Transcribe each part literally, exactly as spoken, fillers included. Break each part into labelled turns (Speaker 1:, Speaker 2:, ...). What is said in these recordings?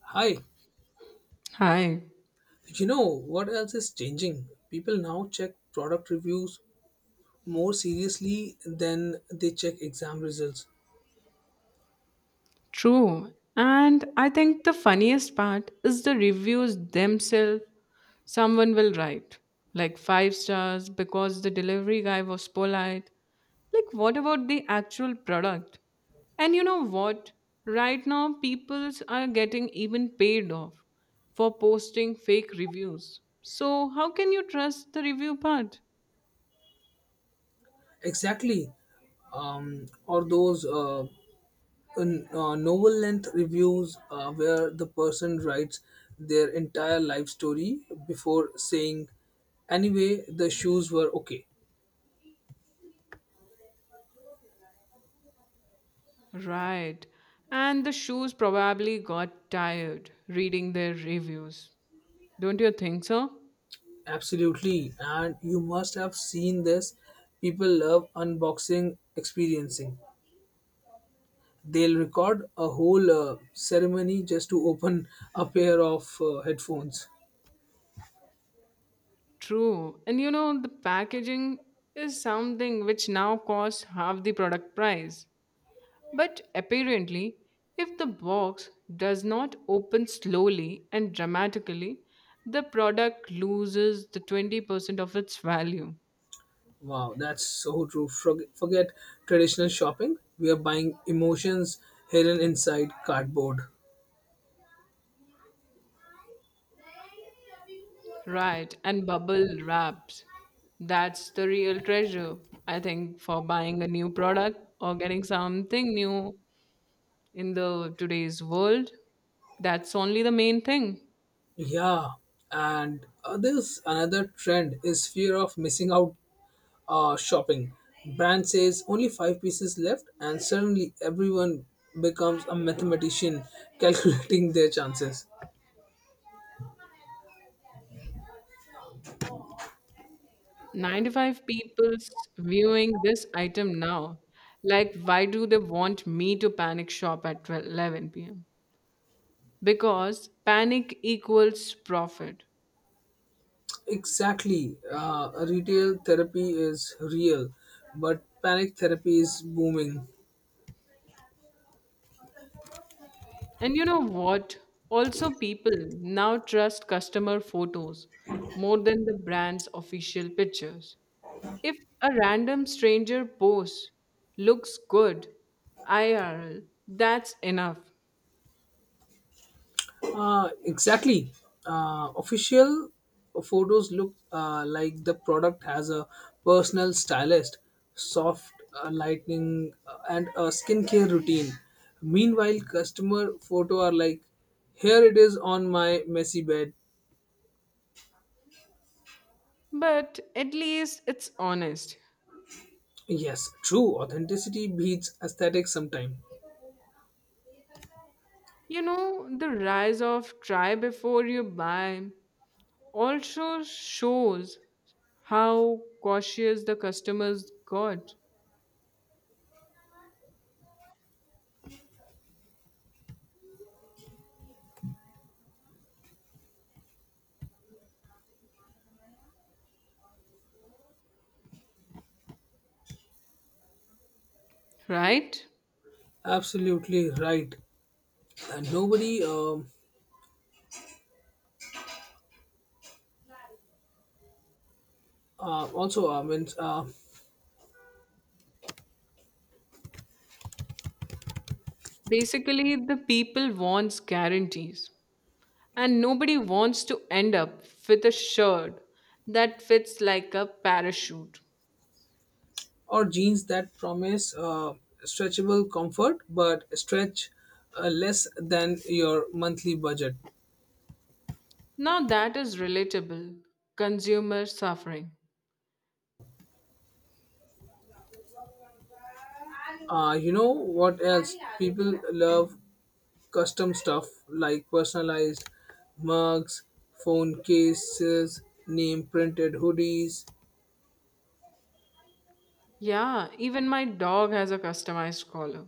Speaker 1: Hi,
Speaker 2: Hi,
Speaker 1: you know what else is changing? People now check product reviews more seriously than they check exam results.
Speaker 2: true. And I think the funniest part is the reviews themselves. Someone will write, like five stars because the delivery guy was polite. Like, what about the actual product? And you know what? Right now, peoples are getting even paid off for posting fake reviews. So, how can you trust the review part?
Speaker 1: Exactly. Um, or those uh, n- uh, novel length reviews uh, where the person writes their entire life story before saying, anyway, the shoes were okay.
Speaker 2: Right. And the shoes probably got tired reading their reviews. Don't you think so?
Speaker 1: Absolutely. And you must have seen this. People love unboxing experiencing. They'll record a whole uh, ceremony just to open a pair of uh, headphones.
Speaker 2: True. And you know, the packaging is something which now costs half the product price. But apparently, if the box does not open slowly and dramatically, the product loses the twenty percent of its value.
Speaker 1: Wow, that's so true. Forg- Forget traditional shopping. We are buying emotions hidden inside cardboard.
Speaker 2: Right, and bubble wraps. That's the real treasure, I think, for buying a new product or getting something new in the today's world. That's only the main thing.
Speaker 1: Yeah, and uh, there's another trend is fear of missing out uh, shopping. Brand says only five pieces left, and suddenly everyone becomes a mathematician calculating their chances.
Speaker 2: ninety-five people's viewing this item now. Like, why do they want me to panic shop at twelve, eleven p.m. because panic equals profit?
Speaker 1: Exactly. Uh, retail therapy is real, but panic therapy is booming.
Speaker 2: And you know what? Also, people now trust customer photos more than the brand's official pictures. If a random stranger posts looks good I R L, that's enough.
Speaker 1: Uh, exactly. Uh, Official photos look uh, like the product has a personal stylist, soft uh, lighting, uh, and a skincare routine. Meanwhile, customer photo are like, here it is on my messy bed.
Speaker 2: But at least it's honest.
Speaker 1: Yes, true. Authenticity beats aesthetic sometime.
Speaker 2: You know, the rise of try before you buy also shows how cautious the customers got, right?
Speaker 1: Absolutely right. and nobody um, uh, also uh, means uh,
Speaker 2: Basically, the people wants guarantees and nobody wants to end up with a shirt that fits like a parachute.
Speaker 1: Or jeans that promise uh, stretchable comfort but stretch uh, less than your monthly budget
Speaker 2: Now that is relatable consumer suffering.
Speaker 1: uh, You know what else people love, custom stuff like personalized mugs, phone cases, name printed hoodies.
Speaker 2: Yeah, even my dog has a customized collar.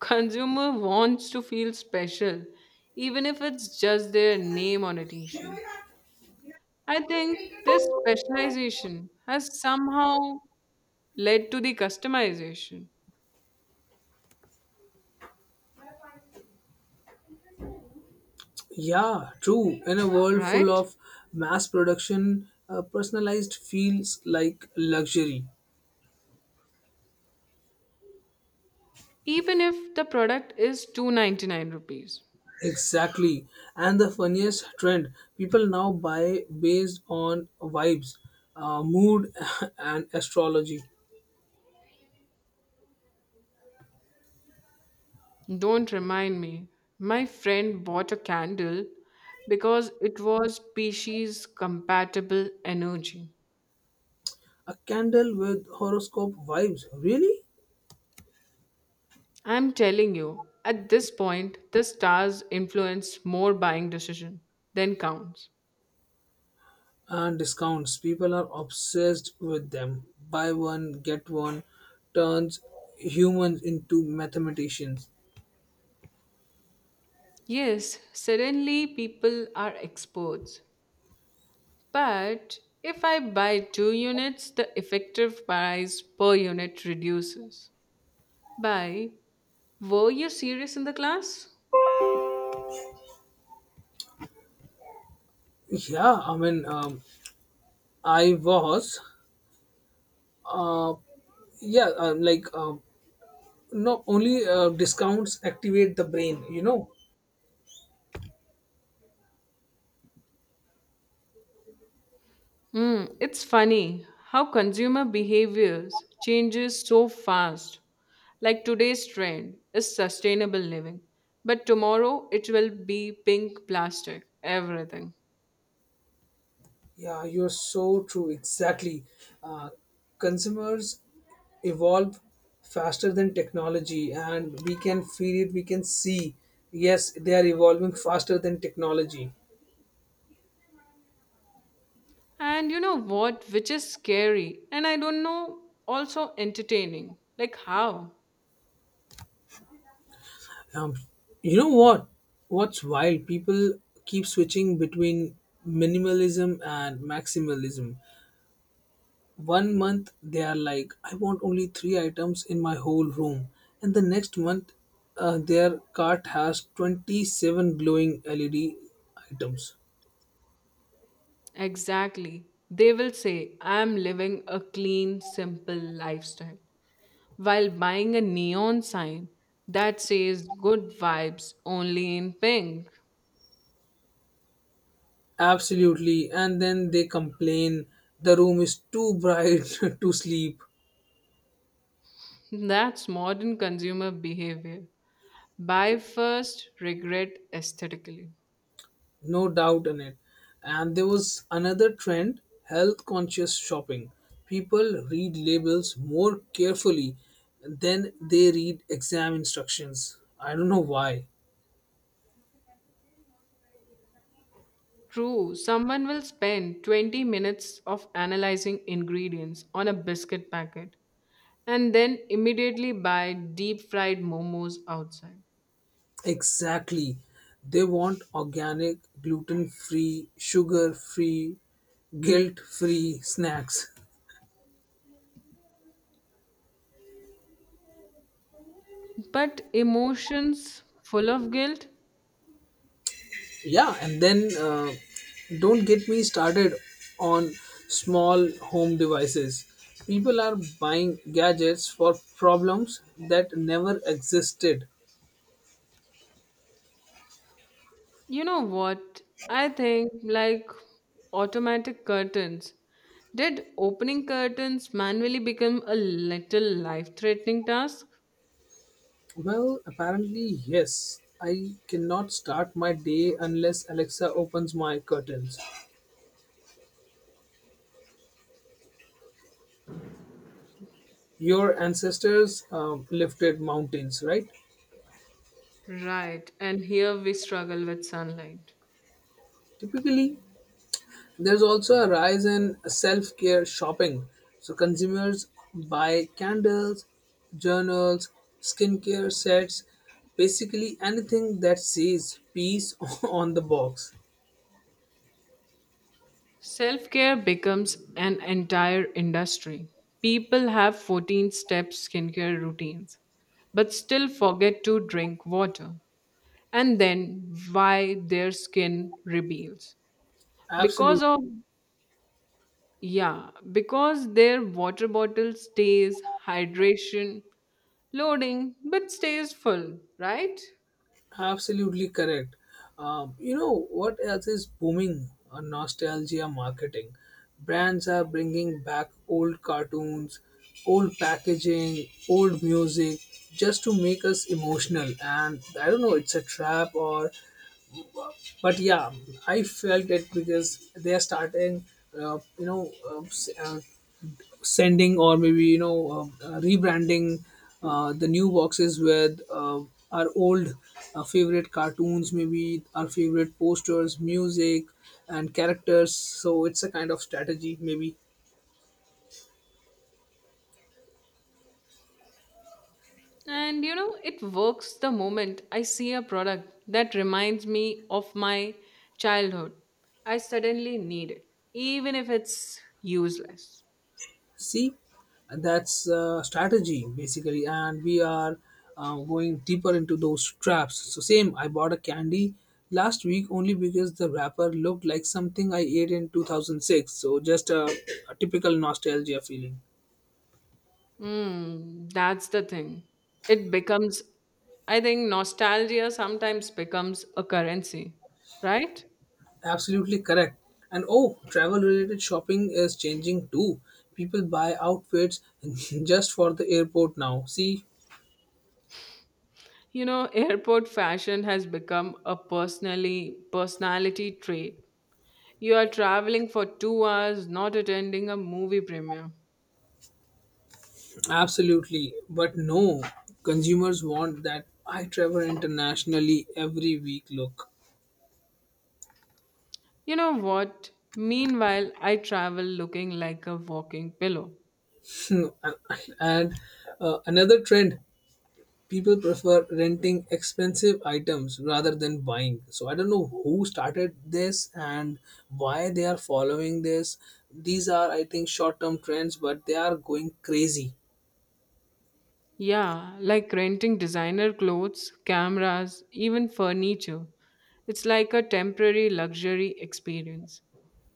Speaker 2: Consumer wants to feel special, even if it's just their name on a t-shirt. I think this specialization has somehow led to the customization,
Speaker 1: Yeah, true. In a world full
Speaker 2: right?
Speaker 1: of mass production, uh, personalized feels like luxury.
Speaker 2: Even if the product is two hundred ninety-nine rupees.
Speaker 1: Exactly. And the funniest trend, people now buy based on vibes, uh, mood, and astrology.
Speaker 2: Don't remind me. My friend bought a candle because it was species compatible energy.
Speaker 1: A candle with horoscope vibes, really?
Speaker 2: I'm telling you, at this point, the stars influence more buying decision than counts.
Speaker 1: And discounts. People are obsessed with them. Buy one, get one turns humans into mathematicians.
Speaker 2: Yes, suddenly people are experts. But if I buy two units, the effective price per unit reduces. By, were you serious in the class?
Speaker 1: Yeah, I mean, um, I was, uh, yeah, uh, like, uh, not only uh, discounts activate the brain, you know.
Speaker 2: Hmm, it's funny how consumer behaviors changes so fast. Like today's trend is sustainable living, but tomorrow it will be pink plastic, everything.
Speaker 1: Yeah, you're so true. Exactly. Uh, Consumers evolve faster than technology, and we can feel it, we can see. Yes, they are evolving faster than technology.
Speaker 2: And you know what, which is scary and I don't know, also entertaining. Like how?
Speaker 1: Um, you know what? What's wild? People keep switching between minimalism and maximalism. One month they are like, I want only three items in my whole room, and the next month uh, their cart has twenty-seven glowing L E D items.
Speaker 2: Exactly. They will say, I'm living a clean, simple lifestyle while buying a neon sign that says good vibes only in pink.
Speaker 1: Absolutely, and then they complain the room is too bright to sleep.
Speaker 2: That's modern consumer behavior. Buy first, regret aesthetically.
Speaker 1: No doubt in it. And there was another trend, health conscious shopping. People read labels more carefully than they read exam instructions. I don't know why.
Speaker 2: True, someone will spend twenty minutes of analyzing ingredients on a biscuit packet and then immediately buy deep fried momos outside.
Speaker 1: Exactly. They want organic, gluten free, sugar free, guilt free snacks.
Speaker 2: But emotions full of guilt?
Speaker 1: Yeah, and then uh, don't get me started on small home devices. People are buying gadgets for problems that never existed.
Speaker 2: You know what? I think like automatic curtains. Did opening curtains manually become a little life threatening task?
Speaker 1: Well, apparently, yes. I cannot start my day unless Alexa opens my curtains. Your ancestors um, lifted mountains, right?
Speaker 2: Right, and here we struggle with sunlight.
Speaker 1: Typically, there's also a rise in self care shopping. So, consumers buy candles, journals, skincare sets, basically anything that says peace on the box.
Speaker 2: Self care becomes an entire industry. People have fourteen step skincare routines, but still forget to drink water. And then why their skin reveals. Because of,
Speaker 1: Absolutely.
Speaker 2: yeah, because their water bottle stays hydration loading but stays full, right?
Speaker 1: Absolutely correct. Um, you know what else is booming? Uh, nostalgia marketing. Brands are bringing back old cartoons, old packaging, old music, just to make us emotional. And I don't know, it's a trap or, but yeah, I felt it because they are starting. Uh, you know, uh, s- uh, Sending or maybe you know um, uh, rebranding uh, the new boxes with uh, our old uh, favorite cartoons, maybe our favorite posters, music and characters. So it's a kind of strategy maybe.
Speaker 2: And you know, it works the moment I see a product that reminds me of my childhood. I suddenly need it, even if it's useless.
Speaker 1: See, that's uh, strategy basically, and we are uh, going deeper into those traps. So same, I bought a candy last week only because the wrapper looked like something I ate in two thousand six. So just a, a typical nostalgia feeling.
Speaker 2: Mm, that's the thing. It becomes, I think, nostalgia sometimes becomes a currency, right?
Speaker 1: Absolutely correct. And oh, travel related shopping is changing too. People buy outfits just for the airport now. See,
Speaker 2: You know, airport fashion has become a personally personality trait. You are traveling for two hours, not attending a movie premiere.
Speaker 1: absolutely. But no, consumers want that I travel internationally every week look.
Speaker 2: You know what? Meanwhile, I travel looking like a walking pillow.
Speaker 1: and and, uh, another trend, people prefer renting expensive items rather than buying. So I don't know who started this and why they are following this. These are I think short term trends, but they are going crazy.
Speaker 2: Yeah, like renting designer clothes, cameras, even furniture. It's like a temporary luxury experience.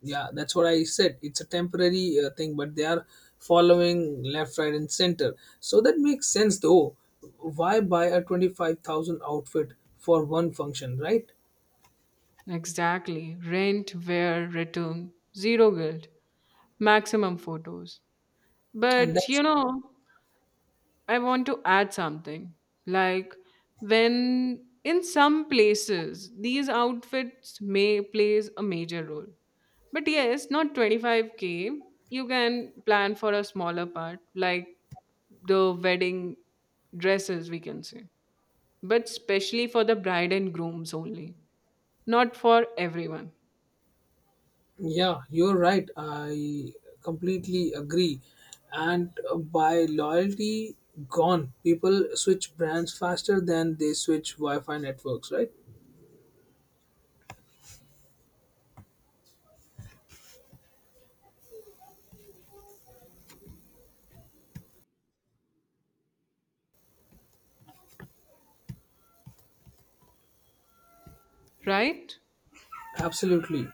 Speaker 1: Yeah, that's what I said, it's a temporary uh, thing, but they are following left right and center. So that makes sense though, why buy a twenty-five thousand outfit for one function, right?
Speaker 2: Exactly. Rent, wear, return, zero guilt, maximum photos.
Speaker 1: And
Speaker 2: But
Speaker 1: that's,
Speaker 2: you know, I want to add something. Like when in some places these outfits may plays a major role. But yes, not twenty-five k. You can plan for a smaller part like the wedding dresses we can say. But especially for the bride and grooms only. Not for everyone,
Speaker 1: yeah, you're right. I completely agree. And uh, by loyalty gone, people switch brands faster than they switch Wi Fi networks, right?
Speaker 2: right?
Speaker 1: Absolutely.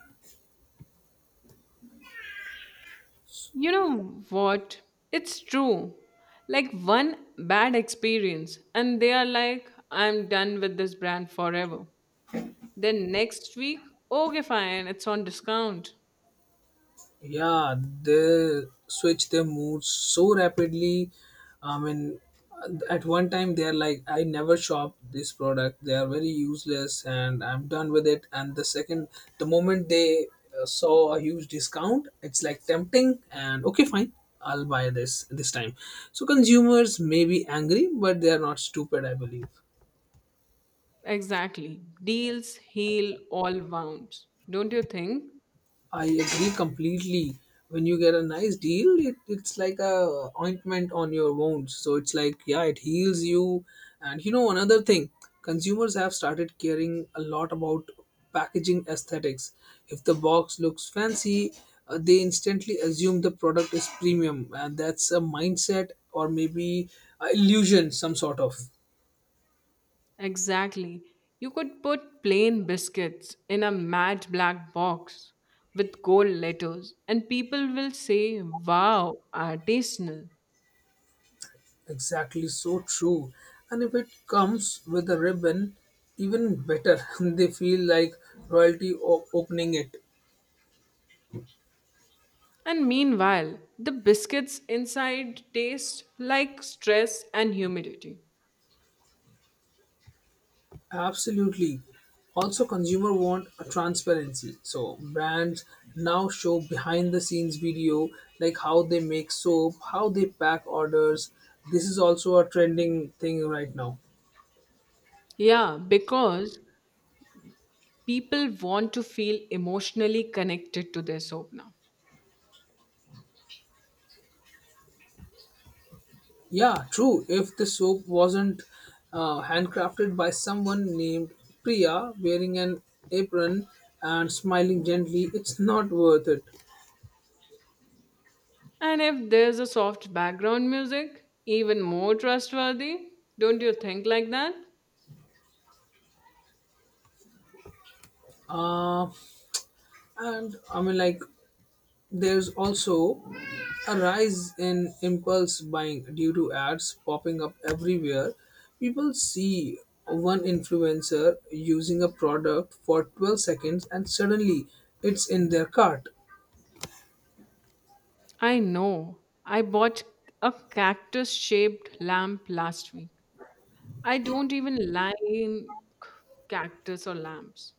Speaker 2: You know what? It's true. Like one bad experience, and they are like, I'm done with this brand forever. Then next week, okay, fine, it's on discount.
Speaker 1: Yeah, they switch their moods so rapidly. I mean, at one time they are like, I never shop this product, they are very useless and I'm done with it. And the second, the moment they uh, saw a huge discount, it's like tempting and okay fine, I'll buy this this time. So consumers may be angry but they are not stupid, I believe.
Speaker 2: Exactly. Deals heal all wounds. Don't you think?
Speaker 1: I agree completely. When you get a nice deal, it, it's like a ointment on your wounds. So it's like, yeah, it heals you. And you know, another thing, consumers have started caring a lot about packaging aesthetics. If the box looks fancy, uh, they instantly assume the product is premium, and that's a mindset or maybe a illusion, some sort of.
Speaker 2: Exactly. You could put plain biscuits in a matte black box with gold letters, and people will say, wow, artisanal.
Speaker 1: Exactly, so true. And if it comes with a ribbon, even better. They feel like royalty o- opening it.
Speaker 2: And meanwhile, the biscuits inside taste like stress and humidity.
Speaker 1: Absolutely. Also, consumer want a transparency. So brands now show behind the scenes video, like how they make soap, how they pack orders. This is also a trending thing right now.
Speaker 2: Yeah, because people want to feel emotionally connected to their soap now.
Speaker 1: Yeah, true. If the soap wasn't uh, handcrafted by someone named Priya wearing an apron and smiling gently, it's not worth it.
Speaker 2: And if there's a soft background music, even more trustworthy, don't you think like that?
Speaker 1: Uh, and I mean, like, there's also a rise in impulse buying due to ads popping up everywhere. People see one influencer using a product for twelve seconds and suddenly it's in their cart.
Speaker 2: I know. I bought a cactus shaped lamp last week. I don't even like cactus or lamps.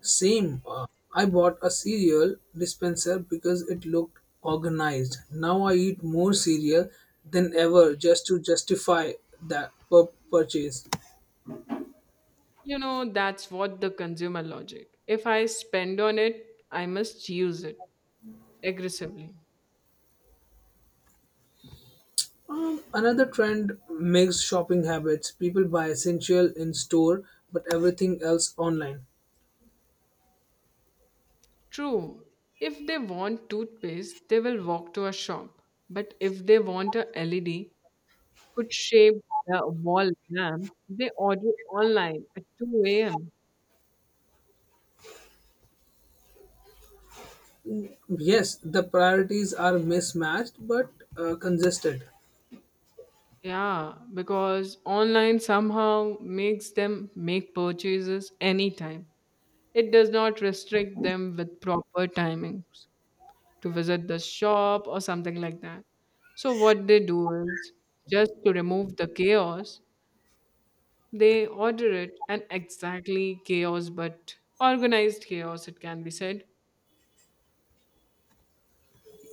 Speaker 1: Same. uh, I bought a cereal dispenser because it looked organized. Now I eat more cereal than ever just to justify that pur- purchase.
Speaker 2: You know, that's what the consumer logic. If I spend on it, I must use it aggressively.
Speaker 1: Um, another trend makes shopping habits. People buy essential in store but everything else online.
Speaker 2: True, if they want toothpaste, they will walk to a shop. But if they want a L E D could shape the wall lamp, they order online at two a m.
Speaker 1: Yes, the priorities are mismatched but uh, consistent.
Speaker 2: Yeah, because online somehow makes them make purchases anytime. It does not restrict them with proper timings to visit the shop or something like that. So, what they do is just to remove the chaos, they order it and exactly chaos, but organized chaos, it can be said.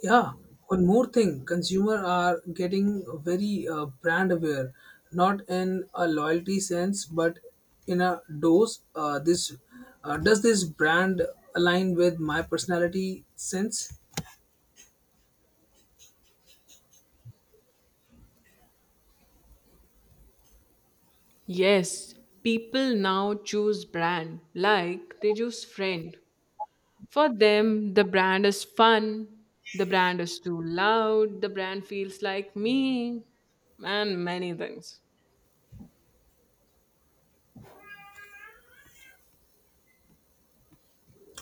Speaker 1: Yeah, one more thing, consumer are getting very uh, brand aware, not in a loyalty sense, but in a dose. Uh, this uh, does this brand align with my personality sense?
Speaker 2: Yes, people now choose brand like they choose friend. For them, the brand is fun, the brand is too loud, the brand feels like me, and many things.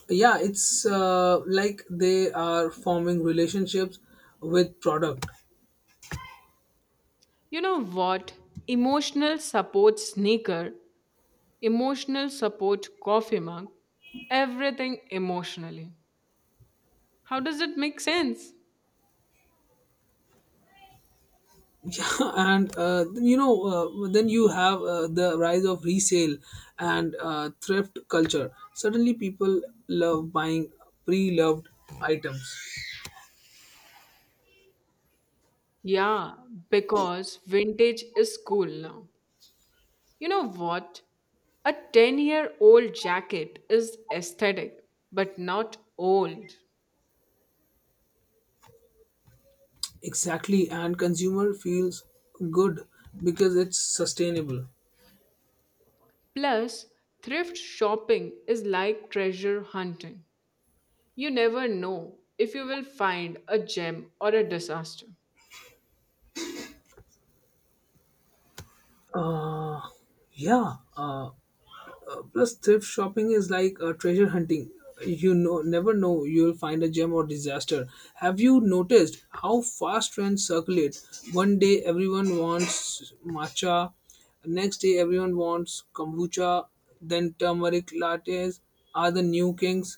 Speaker 1: Yeah, it's uh, like they are forming relationships with product.
Speaker 2: You know what? Emotional support sneaker, emotional support coffee mug, everything emotionally. How does it make sense?
Speaker 1: Yeah, and uh, you know uh, then you have uh, the rise of resale and uh, thrift culture. Suddenly people love buying pre-loved items.
Speaker 2: Yeah, because vintage is cool now. You know what? A ten year old jacket is aesthetic, but not old.
Speaker 1: Exactly, and consumer feels good because it's sustainable.
Speaker 2: Plus, thrift shopping is like treasure hunting. You never know if you will find a gem or a disaster.
Speaker 1: uh, yeah uh, Uh, plus, thrift shopping is like uh, treasure hunting. You know, never know you'll find a gem or disaster. Have you noticed how fast trends circulate? One day everyone wants matcha, next day everyone wants kombucha, then turmeric lattes are the new kings.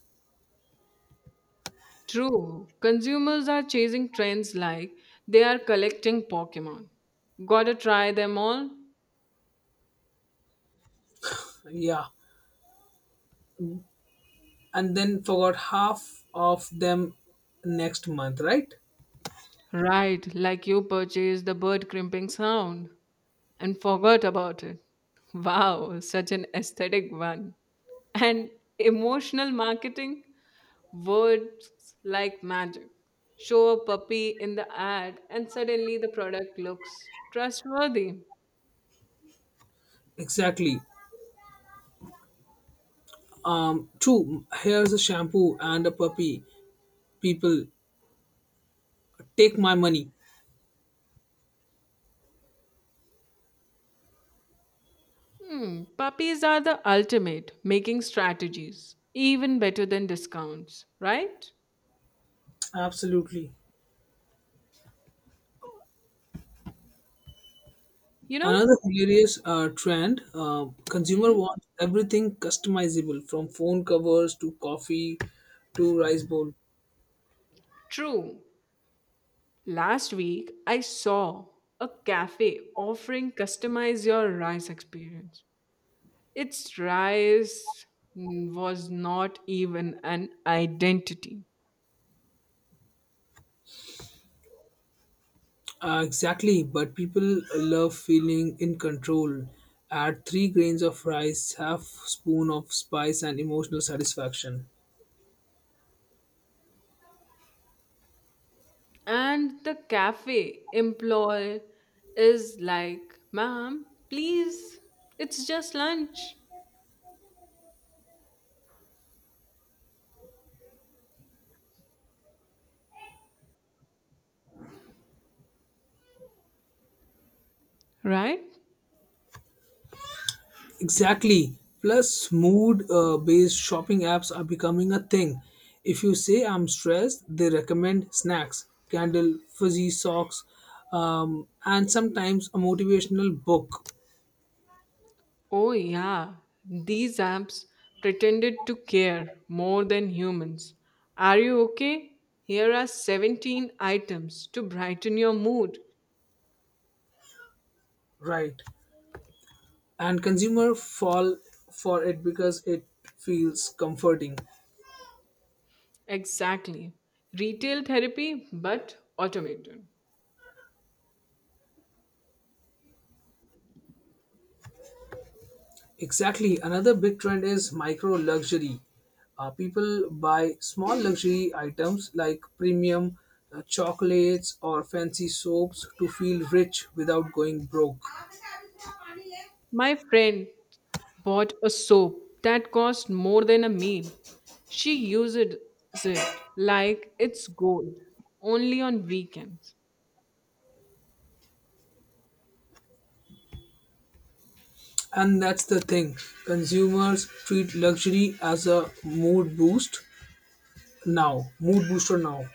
Speaker 2: True, consumers are chasing trends like they are collecting Pokemon. Gotta try them all?
Speaker 1: Yeah, and then forgot half of them next month, right?
Speaker 2: Right, like you purchased the bird crimping sound and forgot about it. Wow, such an aesthetic one. And emotional marketing? Words like magic. Show a puppy in the ad, and suddenly the product looks trustworthy.
Speaker 1: Exactly. Um, true. Here's a shampoo and a puppy. People, take my money.
Speaker 2: Hmm, puppies are the ultimate making strategies, even better than discounts, right?
Speaker 1: Absolutely.
Speaker 2: You know,
Speaker 1: Another hilarious uh, trend, uh, consumer
Speaker 2: hmm,
Speaker 1: wants everything customizable, from phone covers to coffee to rice bowl.
Speaker 2: true. Last week, I saw a cafe offering customize your rice experience. Its rice mm, was not even an identity.
Speaker 1: Uh, exactly, but people love feeling in control. Add three grains of rice, half spoon of spice, and emotional satisfaction.
Speaker 2: And the cafe employee is like, ma'am, please, it's just lunch, right?
Speaker 1: Exactly. Plus, mood uh, based shopping apps are becoming a thing. If you say I'm stressed, they recommend snacks, candle, fuzzy socks, um, and sometimes a motivational book.
Speaker 2: Oh, yeah, these apps pretended to care more than humans. Are you okay? Here are seventeen items to brighten your mood.
Speaker 1: Right. And consumer fall for it because it feels comforting.
Speaker 2: Exactly. Retail therapy, but automated.
Speaker 1: Exactly. Another big trend is micro luxury. Uh, people buy small luxury items like premium uh, chocolates or fancy soaps to feel rich without going broke.
Speaker 2: My friend bought a soap that cost more than a meal. She uses it like it's gold, only on weekends.
Speaker 1: And that's the thing. Consumers treat luxury as a mood boost now, mood booster now.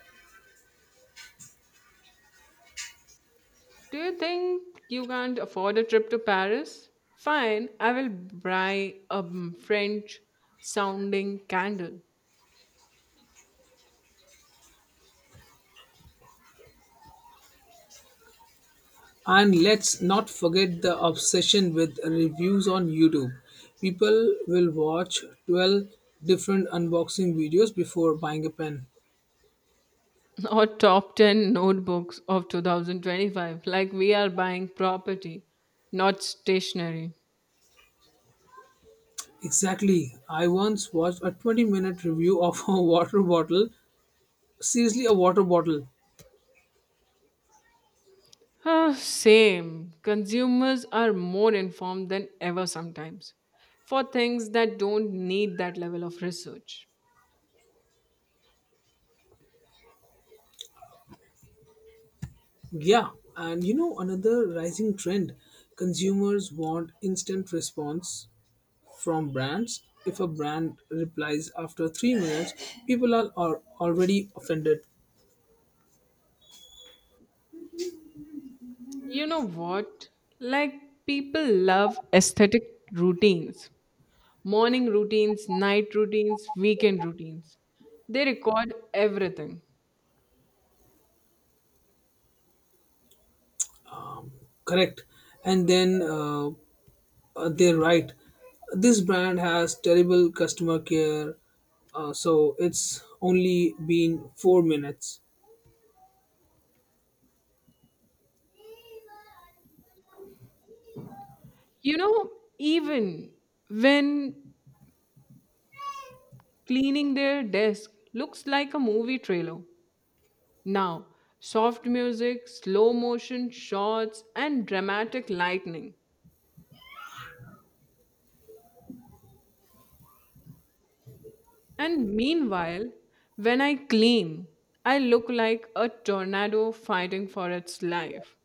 Speaker 2: Do you think you can't afford a trip to Paris? Fine, I will buy a French sounding candle
Speaker 1: And let's not forget the obsession with reviews on YouTube. People will watch twelve different unboxing videos before buying a pen.
Speaker 2: or top ten notebooks of two thousand twenty-five. Like we are buying property, not stationery.
Speaker 1: Exactly. I once watched a twenty minute review of a water bottle. Seriously, a water bottle.
Speaker 2: Ah, same. Consumers are more informed than ever sometimes for things that don't need that level of research.
Speaker 1: Yeah. And you know, another rising trend, consumers want instant response from brands. If a brand replies after three minutes, people are, are already offended.
Speaker 2: You know what? Like people love aesthetic routines, morning routines, night routines, weekend routines. They record everything.
Speaker 1: Correct. And then uh, uh, they write, "This brand has terrible customer care. Uh, so it's only been four minutes."
Speaker 2: You know, even when cleaning their desk looks like a movie trailer. Now, soft music, slow motion shots, and dramatic lightning. And meanwhile, when I clean, I look like a tornado fighting for its life,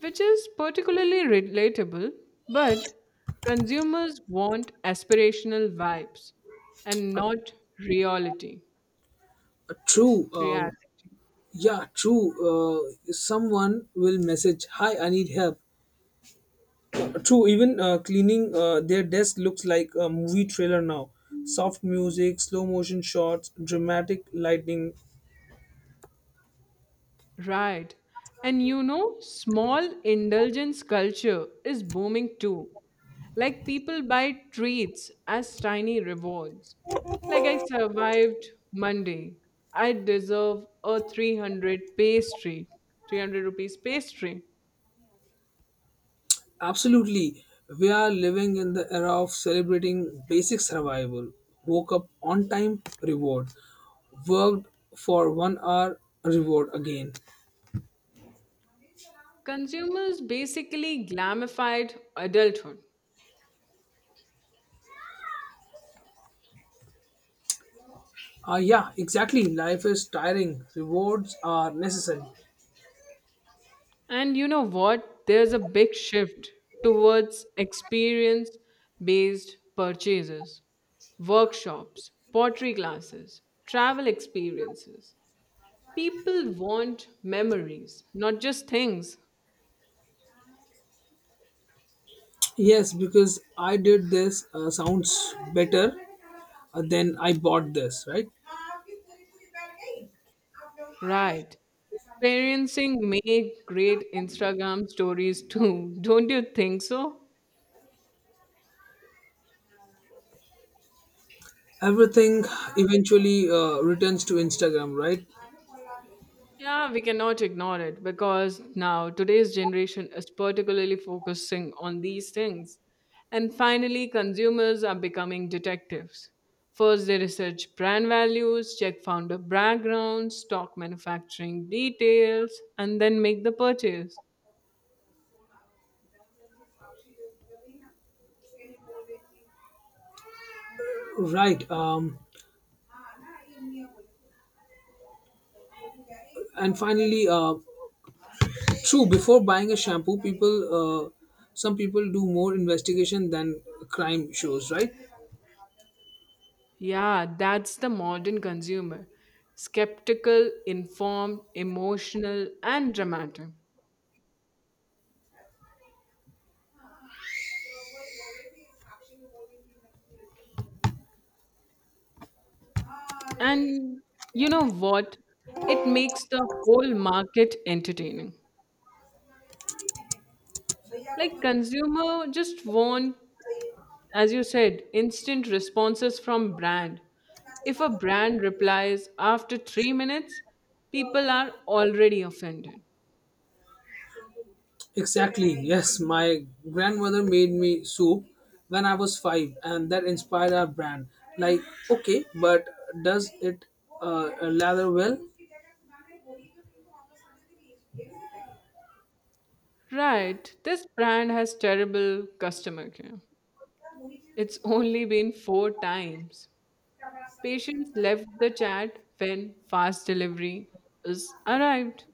Speaker 2: which is particularly relatable, but consumers want aspirational vibes and not reality.
Speaker 1: Uh, True. Um,
Speaker 2: Reality.
Speaker 1: Yeah, true. Uh, someone will message, "Hi, I need help." True. Even uh, cleaning uh, their desk looks like a movie trailer now. Soft music, slow motion shots, dramatic lighting.
Speaker 2: Right. And you know, small indulgence culture is booming too. Like people buy treats as tiny rewards. Like I survived Monday. I deserve a three hundred pastry, three hundred rupees pastry.
Speaker 1: Absolutely, we are living in the era of celebrating basic survival. Woke up on time, reward. Worked for one hour, reward again.
Speaker 2: Consumers basically glamified adulthood.
Speaker 1: Uh, yeah, exactly. Life is tiring. Rewards are necessary.
Speaker 2: And you know what? There's a big shift towards experience based purchases, workshops, pottery classes, travel experiences. People want memories, not just things.
Speaker 1: Yes, because I did this uh, sounds better uh, than I bought this, right?
Speaker 2: Right. Experiencing make great Instagram stories too. Don't you think so?
Speaker 1: Everything eventually uh, returns to Instagram, right?
Speaker 2: Yeah, we cannot ignore it because now today's generation is particularly focusing on these things. And finally, consumers are becoming detectives. First, they research brand values, check founder backgrounds, stock manufacturing details, and then make the purchase.
Speaker 1: Right. Um, and finally, uh, true, before buying a shampoo, people, uh, some people do more investigation than crime shows, right?
Speaker 2: Yeah, that's the modern consumer, skeptical, informed, emotional, and dramatic. And you know what? It makes the whole market entertaining. Like consumer just want, as you said, instant responses from brand. If a brand replies after three minutes, people are already offended.
Speaker 1: Exactly, yes. My grandmother made me soup when I was five, and that inspired our brand. Like, okay, but does it uh, lather well?
Speaker 2: Right, this brand has terrible customer care. It's only been four times. Patients left the chat when fast delivery is arrived.